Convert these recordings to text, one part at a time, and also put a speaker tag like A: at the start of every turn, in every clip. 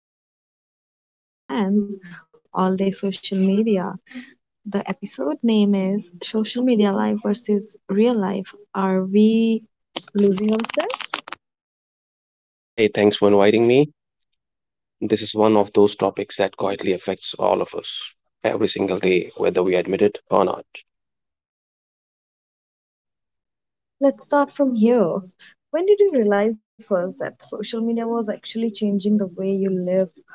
A: something that is literally in our hands all day, social media. The episode name is Social Media Life versus Real Life. Are we losing ourselves?
B: Hi, thanks for inviting me. This is one of those topics that quietly affects all of us every single day, whether we admit it or not.
A: Let's start from here. When did you realize first that social media was actually changing the way you live,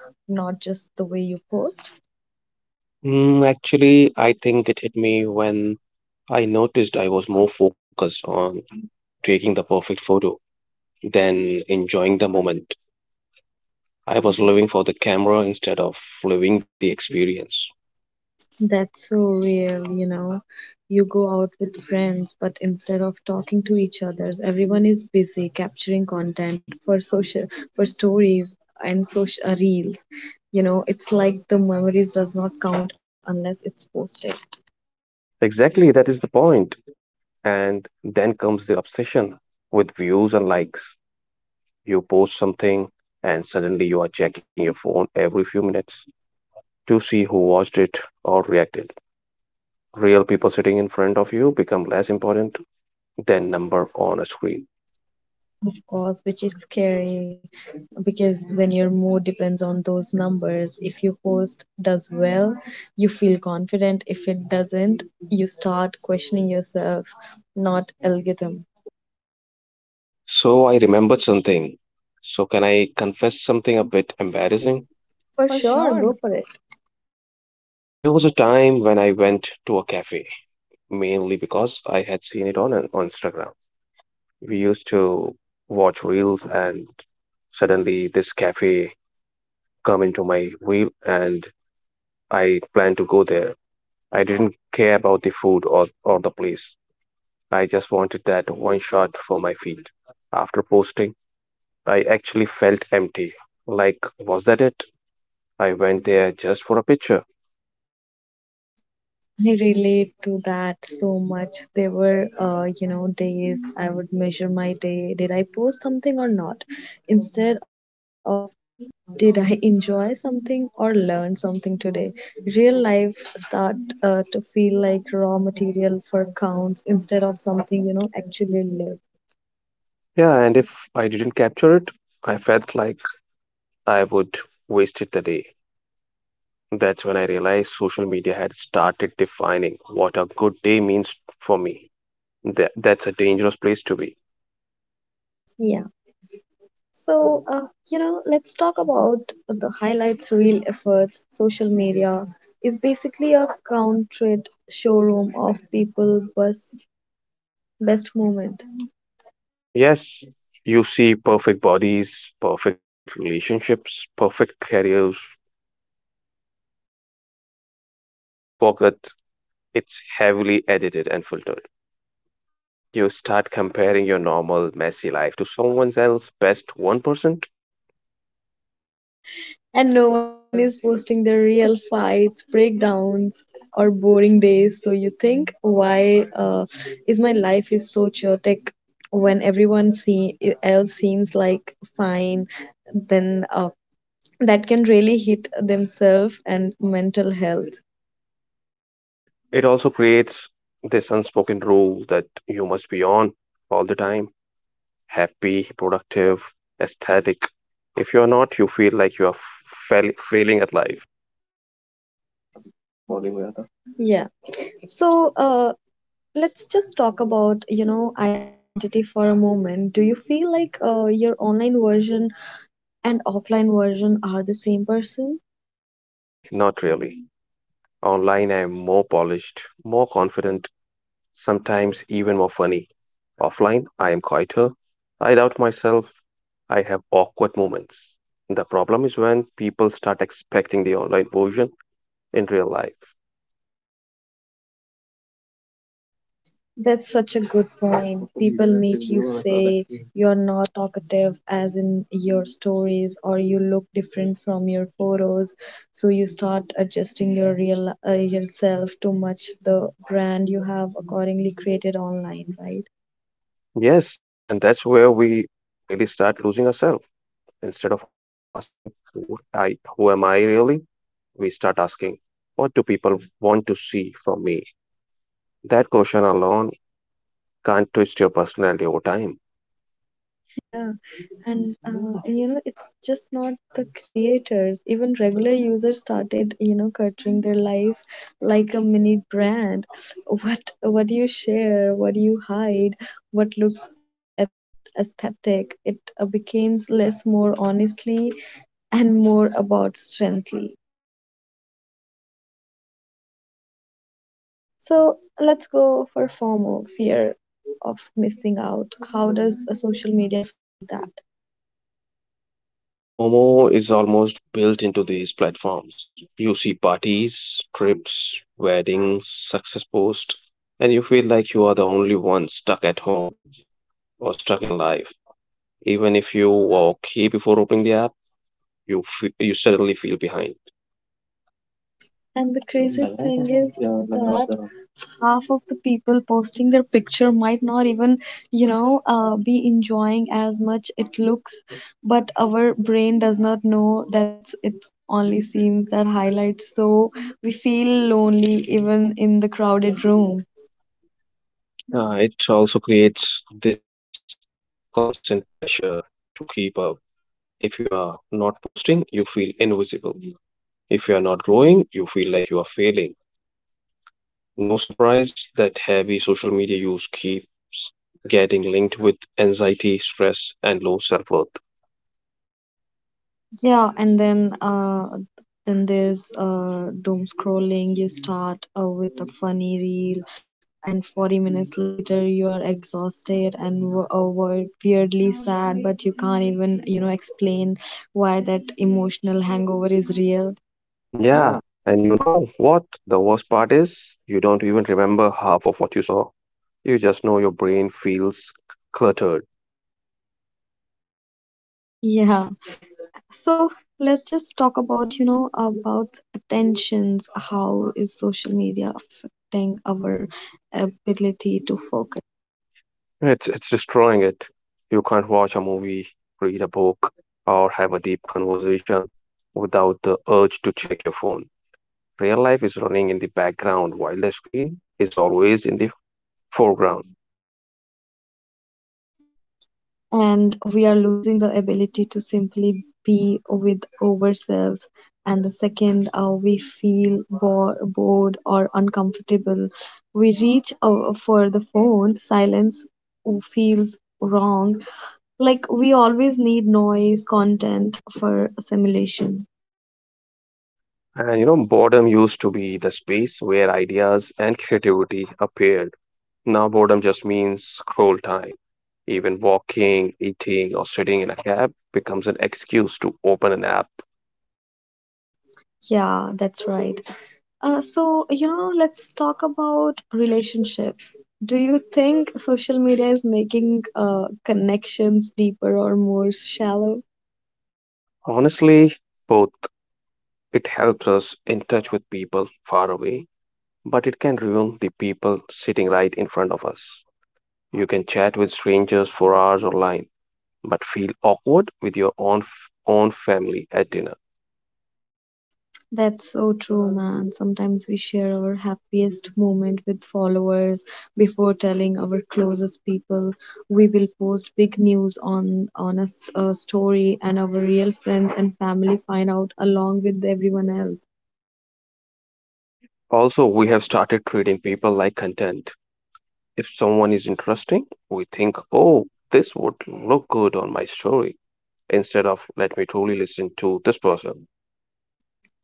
A: not just the way you post?
B: Actually, I think it hit me when I noticed I was more focused on taking the perfect photo than enjoying the moment. I was living for the camera instead of living the experience.
A: That's so real, you know. You go out with friends, but instead of talking to each other, everyone is busy capturing content for social, for stories and social reels. You know, it's like the memories does not count unless it's posted.
B: Exactly, that is the point. And then comes the obsession with views and likes. You post something, and suddenly you are checking your phone every few minutes to see who watched it or reacted. Real people sitting in front of you become less important than number on a screen.
A: Of course, which is scary because then your mood depends on those numbers. If your post does well, you feel confident. If it doesn't, you start questioning yourself, not algorithm.
B: So I remembered something. So can I confess something a bit embarrassing?
A: For sure, go for it.
B: There was a time when I went to a cafe, mainly because I had seen it on Instagram. We used to watch reels and suddenly this cafe come into my reel and I planned to go there. I didn't care about the food or the place. I just wanted that one shot for my feed. After posting, I actually felt empty. Like, was that it? I went there just for a picture.
A: I relate to that so much. There were, days I would measure my day. Did I post something or not? Instead of, did I enjoy something or learn something today? Real life start to feel like raw material for counts instead of something, you know, actually lived.
B: Yeah, and if I didn't capture it, I felt like I would wasted the day. That's when I realized social media had started defining what a good day means for me. That's a dangerous place to be.
A: Yeah. So, let's talk about the highlights real efforts. Social media is basically a counted showroom of people best best moment.
B: Yes, you see perfect bodies, perfect relationships, perfect careers, and you forget it's heavily edited and filtered. You start comparing your normal, messy life to someone else's best 1%.
A: And no one is posting their real fights, breakdowns or boring days. So you think, why is my life is so chaotic when everyone see else seems like fine, then that can really hit themselves and mental health.
B: It also creates this unspoken rule that you must be on all the time, happy, productive, aesthetic. If you are not, you feel like you are failing at life.
A: Morning, Mehta. Yeah. So, let's just talk about, you know, identity for a moment. Do you feel like your online version and offline version are the same person?
B: Honestly, not really. Online, I am more polished, more confident, sometimes even more funny. Offline, I am quieter. I doubt myself. I have awkward moments. The problem is when people start expecting the online version in real life.
A: That's such a good point. People meet you, say you're not talkative as in your stories or you look different from your photos, so you start adjusting your real yourself to match the brand you have accordingly created online, right?
B: Yes, and that's where we really start losing ourselves. Instead of asking, who am I really? We start asking, what do people want to see from me? That question alone can't twist your personality over time.
A: Yeah, and uh, and you know, it's just not the creators. Even regular users started, you know, cutting their life like a mini brand. What you share, what you hide, what looks aesthetic. It becomes less more honestly and more about strengthly. So let's go for FOMO, fear of missing out. How does a social media feed that?
B: I think FOMO is almost built into these platforms. You see parties, trips, weddings, success posts, and you feel like you are the only one stuck at home or stuck in life. Even if you were okay before opening the app, you suddenly feel behind.
A: And the crazy thing is that half of the people posting their picture might not even, be enjoying as much it looks, but our brain does not know that, it only seems that highlights. So we feel lonely even in the
B: What is
A: crowded
B: true?
A: room.
B: It also creates this constant pressure to keep up. If you are not posting, you feel invisible. If you are not growing, you feel like you are failing. No surprise that heavy social media use keeps getting linked with anxiety, stress, and low self worth.
A: Yeah, and then Then there's doom scrolling. You start with a funny reel, and 40 minutes later you are exhausted and weirdly sad, but you can't even, you know, explain why. That emotional hangover is real. Yeah.
B: Yeah, and you know what? The worst part is you don't even remember half of what you saw. You just know your brain feels cluttered.
A: Yeah. So let's just talk about, you know, about attentions. How is social media affecting our ability to focus?
B: It's destroying it. You can't watch a movie, read a book, or have a deep conversation without the urge to check your phone. Real life is running in the background while the screen is always in the foreground.
A: And we are losing the ability to simply be with ourselves, and the second we feel bored or uncomfortable, we reach for the phone. Silence feels wrong, like we always need noise content for assimilation.
B: Hmm. And you know, boredom used to be the space where ideas and creativity appeared. Now, boredom just means scroll time. Even walking, eating, or sitting in a cab becomes an excuse to open an app.
A: Yeah, that's right. So, you know, let's talk about relationships. Do you think social media is making connections deeper or more shallow?
B: Honestly, both. It helps us in touch with people far away, but it can ruin the people sitting right in front of us. You can chat with strangers for hours online, but feel awkward with your own family at dinner.
A: That's so true, man. Sometimes we share our happiest moment with followers before telling our closest people. We will post big news on a, a story, and our real friends and family find out along with everyone else.
B: Also, we have started treating people like content. If someone is interesting, we think, oh, this would look good on my story, instead of let me truly listen to this person.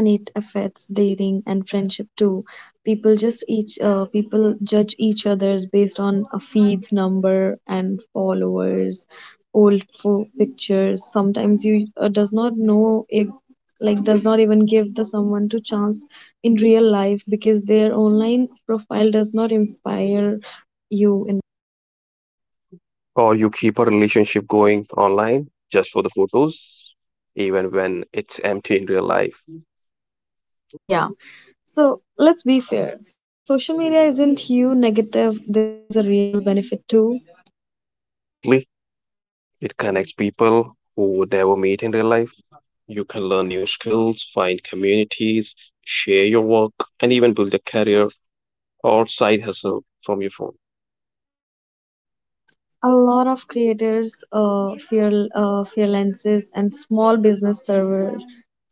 A: And it affects dating and friendship too. People judge each other's based on a feeds number and followers, old pictures. Sometimes you does not know if, like, does not even give the someone to chance in real life because their online profile does not inspire you in.
B: Or you keep a relationship going online just for the photos, even when it's empty in real life.
A: Yeah, so let's be fair, social media isn't you negative, there is a real benefit too.
B: Definitely, it connects people who would never meet in real life. You can learn new skills, find communities, share your work, and even build a career or side hustle from your phone.
A: A lot of creators fear freelancers and small business servers,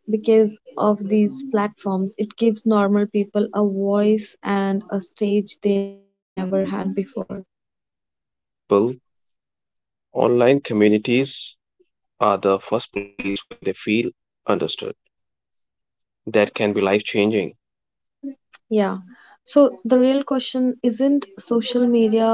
A: because of these platforms it gives normal people a voice and a stage they never had before.
B: I think for some people, online communities are the first place where they feel understood. That can be life changing.
A: Yeah, so the real question isn't social media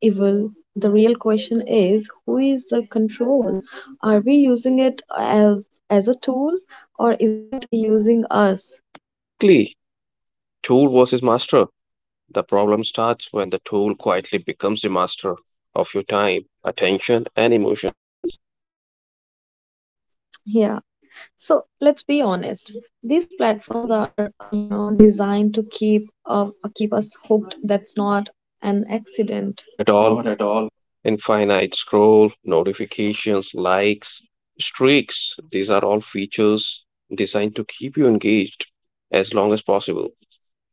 A: evil, the real question is who is the control. Are we using it as a tool, or is it using us?
B: Exactly. Tool versus master. The problem starts when the tool quietly becomes the master of your time, attention, and emotions.
A: Yeah. So let's be honest. These platforms are, designed to keep us hooked. That's not an accident.
B: Not at
A: Not
B: all.
A: at all.
B: Infinite scroll, notifications, likes, streaks. These are all features designed to keep you engaged as long as possible.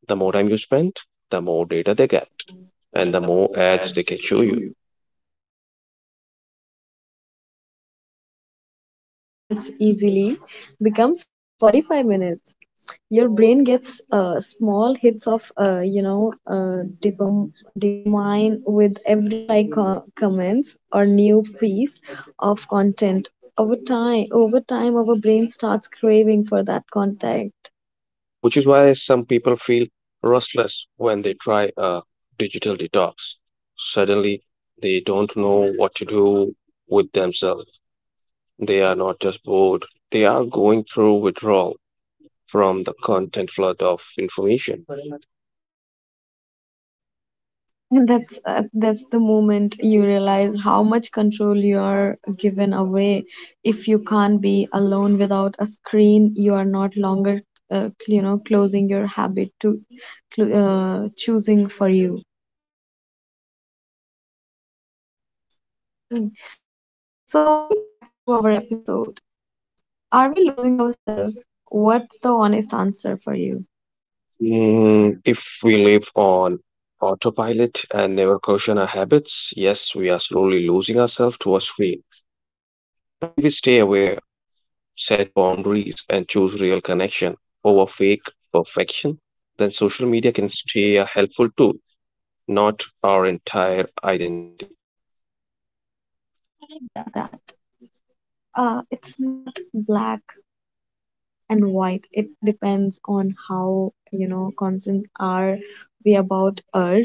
B: The more time you spend, the more data they get, and the more
A: And the more
B: ads they can
A: ads
B: show
A: they can
B: you.
A: show you. Exactly. That's why just 5 minutes easily becomes 45 minutes. Your brain gets small hits of, you know, dopamine with every like, comments or new piece of content. Over time our brain starts craving for that content.
B: Yeah, which is why some people feel restless when they try a digital detox. Suddenly, they don't know what to do with themselves. They are not just bored, they are going through withdrawal from the content flood of information.
A: And that's the moment you realize how much control you are given away. If you can't be alone without a screen, you are not longer, you know, closing your habit to choosing for you. Mm. So, back to our episode. Are we losing ourselves? What's the honest answer for you?
B: If we live on autopilot and never caution our habits, yes, we are slowly losing ourselves to a screen. But if we stay aware, set boundaries, and choose real connection over fake perfection, then social media can stay a helpful tool, not our entire identity.
A: I like
B: That
A: that. It's not black and white. It depends on how, you know, conscious are we about urge.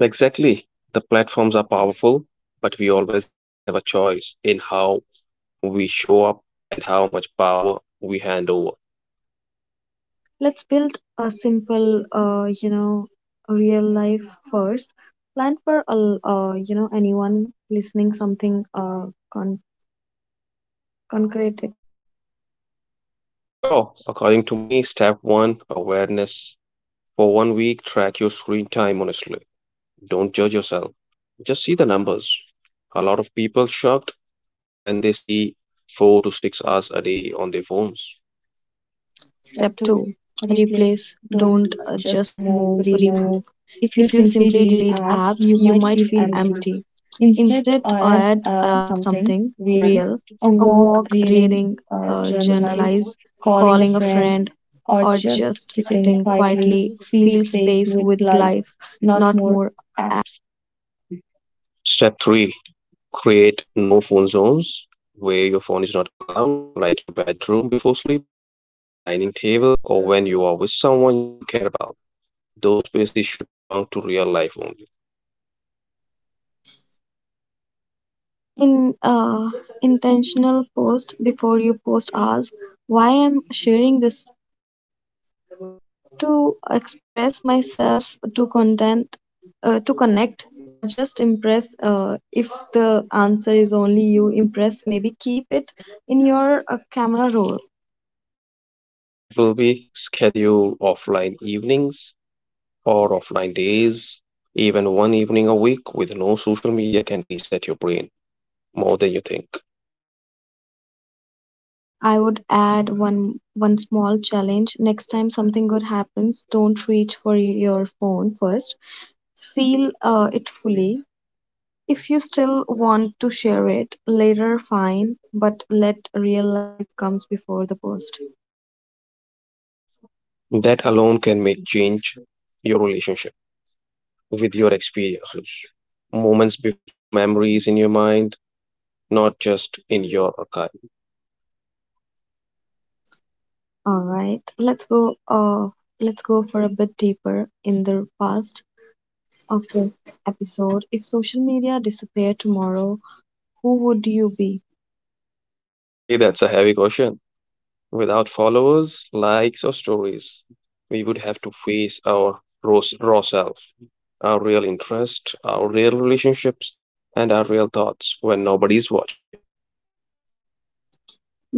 B: Exactly. The platforms are powerful, but we always have a choice in how we show up and how much power we hand over.
A: Let's build a simple, real life first. Plan for, a l- you know, anyone listening something con- concrete.
B: Sure, according to me, step one awareness. For one week, track your screen time honestly. Don't judge yourself. Just see the numbers. A lot of people shocked when they see 4 to 6 hours a day on their phones.
A: Step 2,
B: But if you
A: replace, don't just
B: remove,
A: remove.
B: remove,
A: If you
B: if you
A: simply
B: simply
A: delete
B: delete,
A: apps, you
B: you
A: might
B: might
A: feel
B: feel empty.
A: empty. Instead,
B: Instead,
A: add,
B: add,
A: add
B: add
A: something
B: something
A: real:
B: real.
A: a
B: A
A: walk,
B: walk,
A: reading,
B: reading,
A: journalize,
B: journalize,
A: calling a
B: calling a
A: friend,
B: friend,
A: or
B: or
A: just
B: just sitting
A: sitting
B: quietly,
A: quietly.
B: feel
A: Feel
B: space
A: space
B: with
A: with
B: life,
A: life,
B: not
A: not
B: more
A: more.
B: apps. Step 3 Create no phone zones where your phone is not allowed, like your bedroom before sleep, the dining table, or when you are with someone you care about. Those spaces should belong to real life only.
A: In Intentional post, before you post, ask why I'm sharing this, to express myself, to content, to connect, or just impress. If the answer is only you impress, maybe keep it in your camera roll.
B: And the step five will be schedule offline evenings or offline days. Even one evening a week with no social media can reset your brain more than you think.
A: I would add one small challenge. Next time something good happens, don't reach for your phone first. Feel it fully. If you still want to share it later, fine, but let real life comes before the post.
B: That alone can make change your relationship with your experiences. Moments before memories in your mind, not just in your archive.
A: All right, let's go. Let's go for a bit deeper in the past of this episode. If social media disappeared tomorrow, who would you be?
B: Okay, that's a heavy question. Without followers, likes, or stories, we would have to face our raw, raw self, our real interest, our real relationships, and our real thoughts when nobody's watching.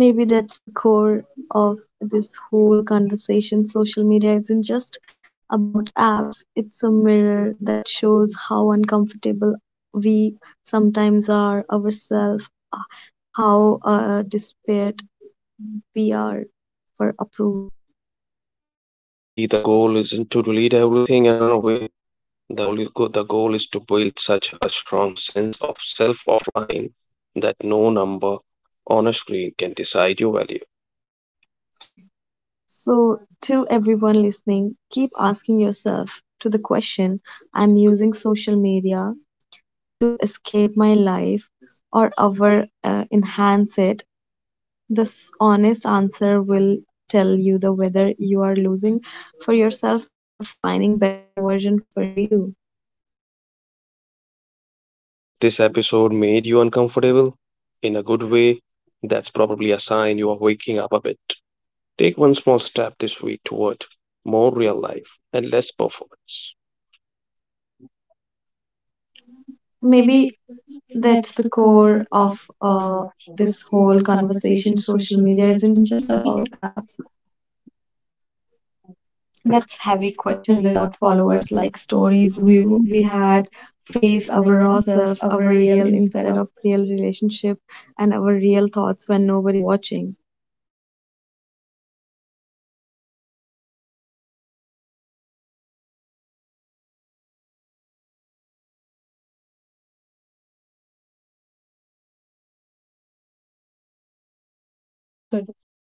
A: Maybe that's the core of this whole conversation. Social media isn't just about apps; it's a mirror that shows how uncomfortable we sometimes are ourselves, how desperate we are for approval.
B: And maybe the goal isn't to delete everything and run away. The goal is to build such a strong sense of self offline that no number on a screen can decide your value.
A: So, to everyone listening, keep asking yourself to the question, I'm using social media to escape my life or over enhance it. This honest answer will tell you the whether you are losing for yourself or finding better version for you.
B: Yeah, if this episode made you uncomfortable in a good way, that's probably a sign you are waking up a bit. Take one small step this week toward more real life and less performance.
A: Maybe
B: Maybe
A: that's the core
B: core
A: of uh, this whole conversation.
B: conversation of
A: Social
B: social
A: media
B: media
A: isn't
B: isn't
A: just
B: just
A: about
B: about
A: apps.
B: that.
A: That's
B: That's
A: heavy
B: a
A: question,
B: question
A: without
B: without
A: followers
B: followers
A: like
B: like
A: stories
B: stories
A: we
B: we
A: we
B: we
A: had
B: had
A: face our
B: face our
A: raw
B: raw
A: self,
B: self, our
A: our real
B: real
A: instead of
B: instead of
A: real relationship, and our real thoughts when nobody is watching.
B: Good.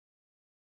B: Thanks for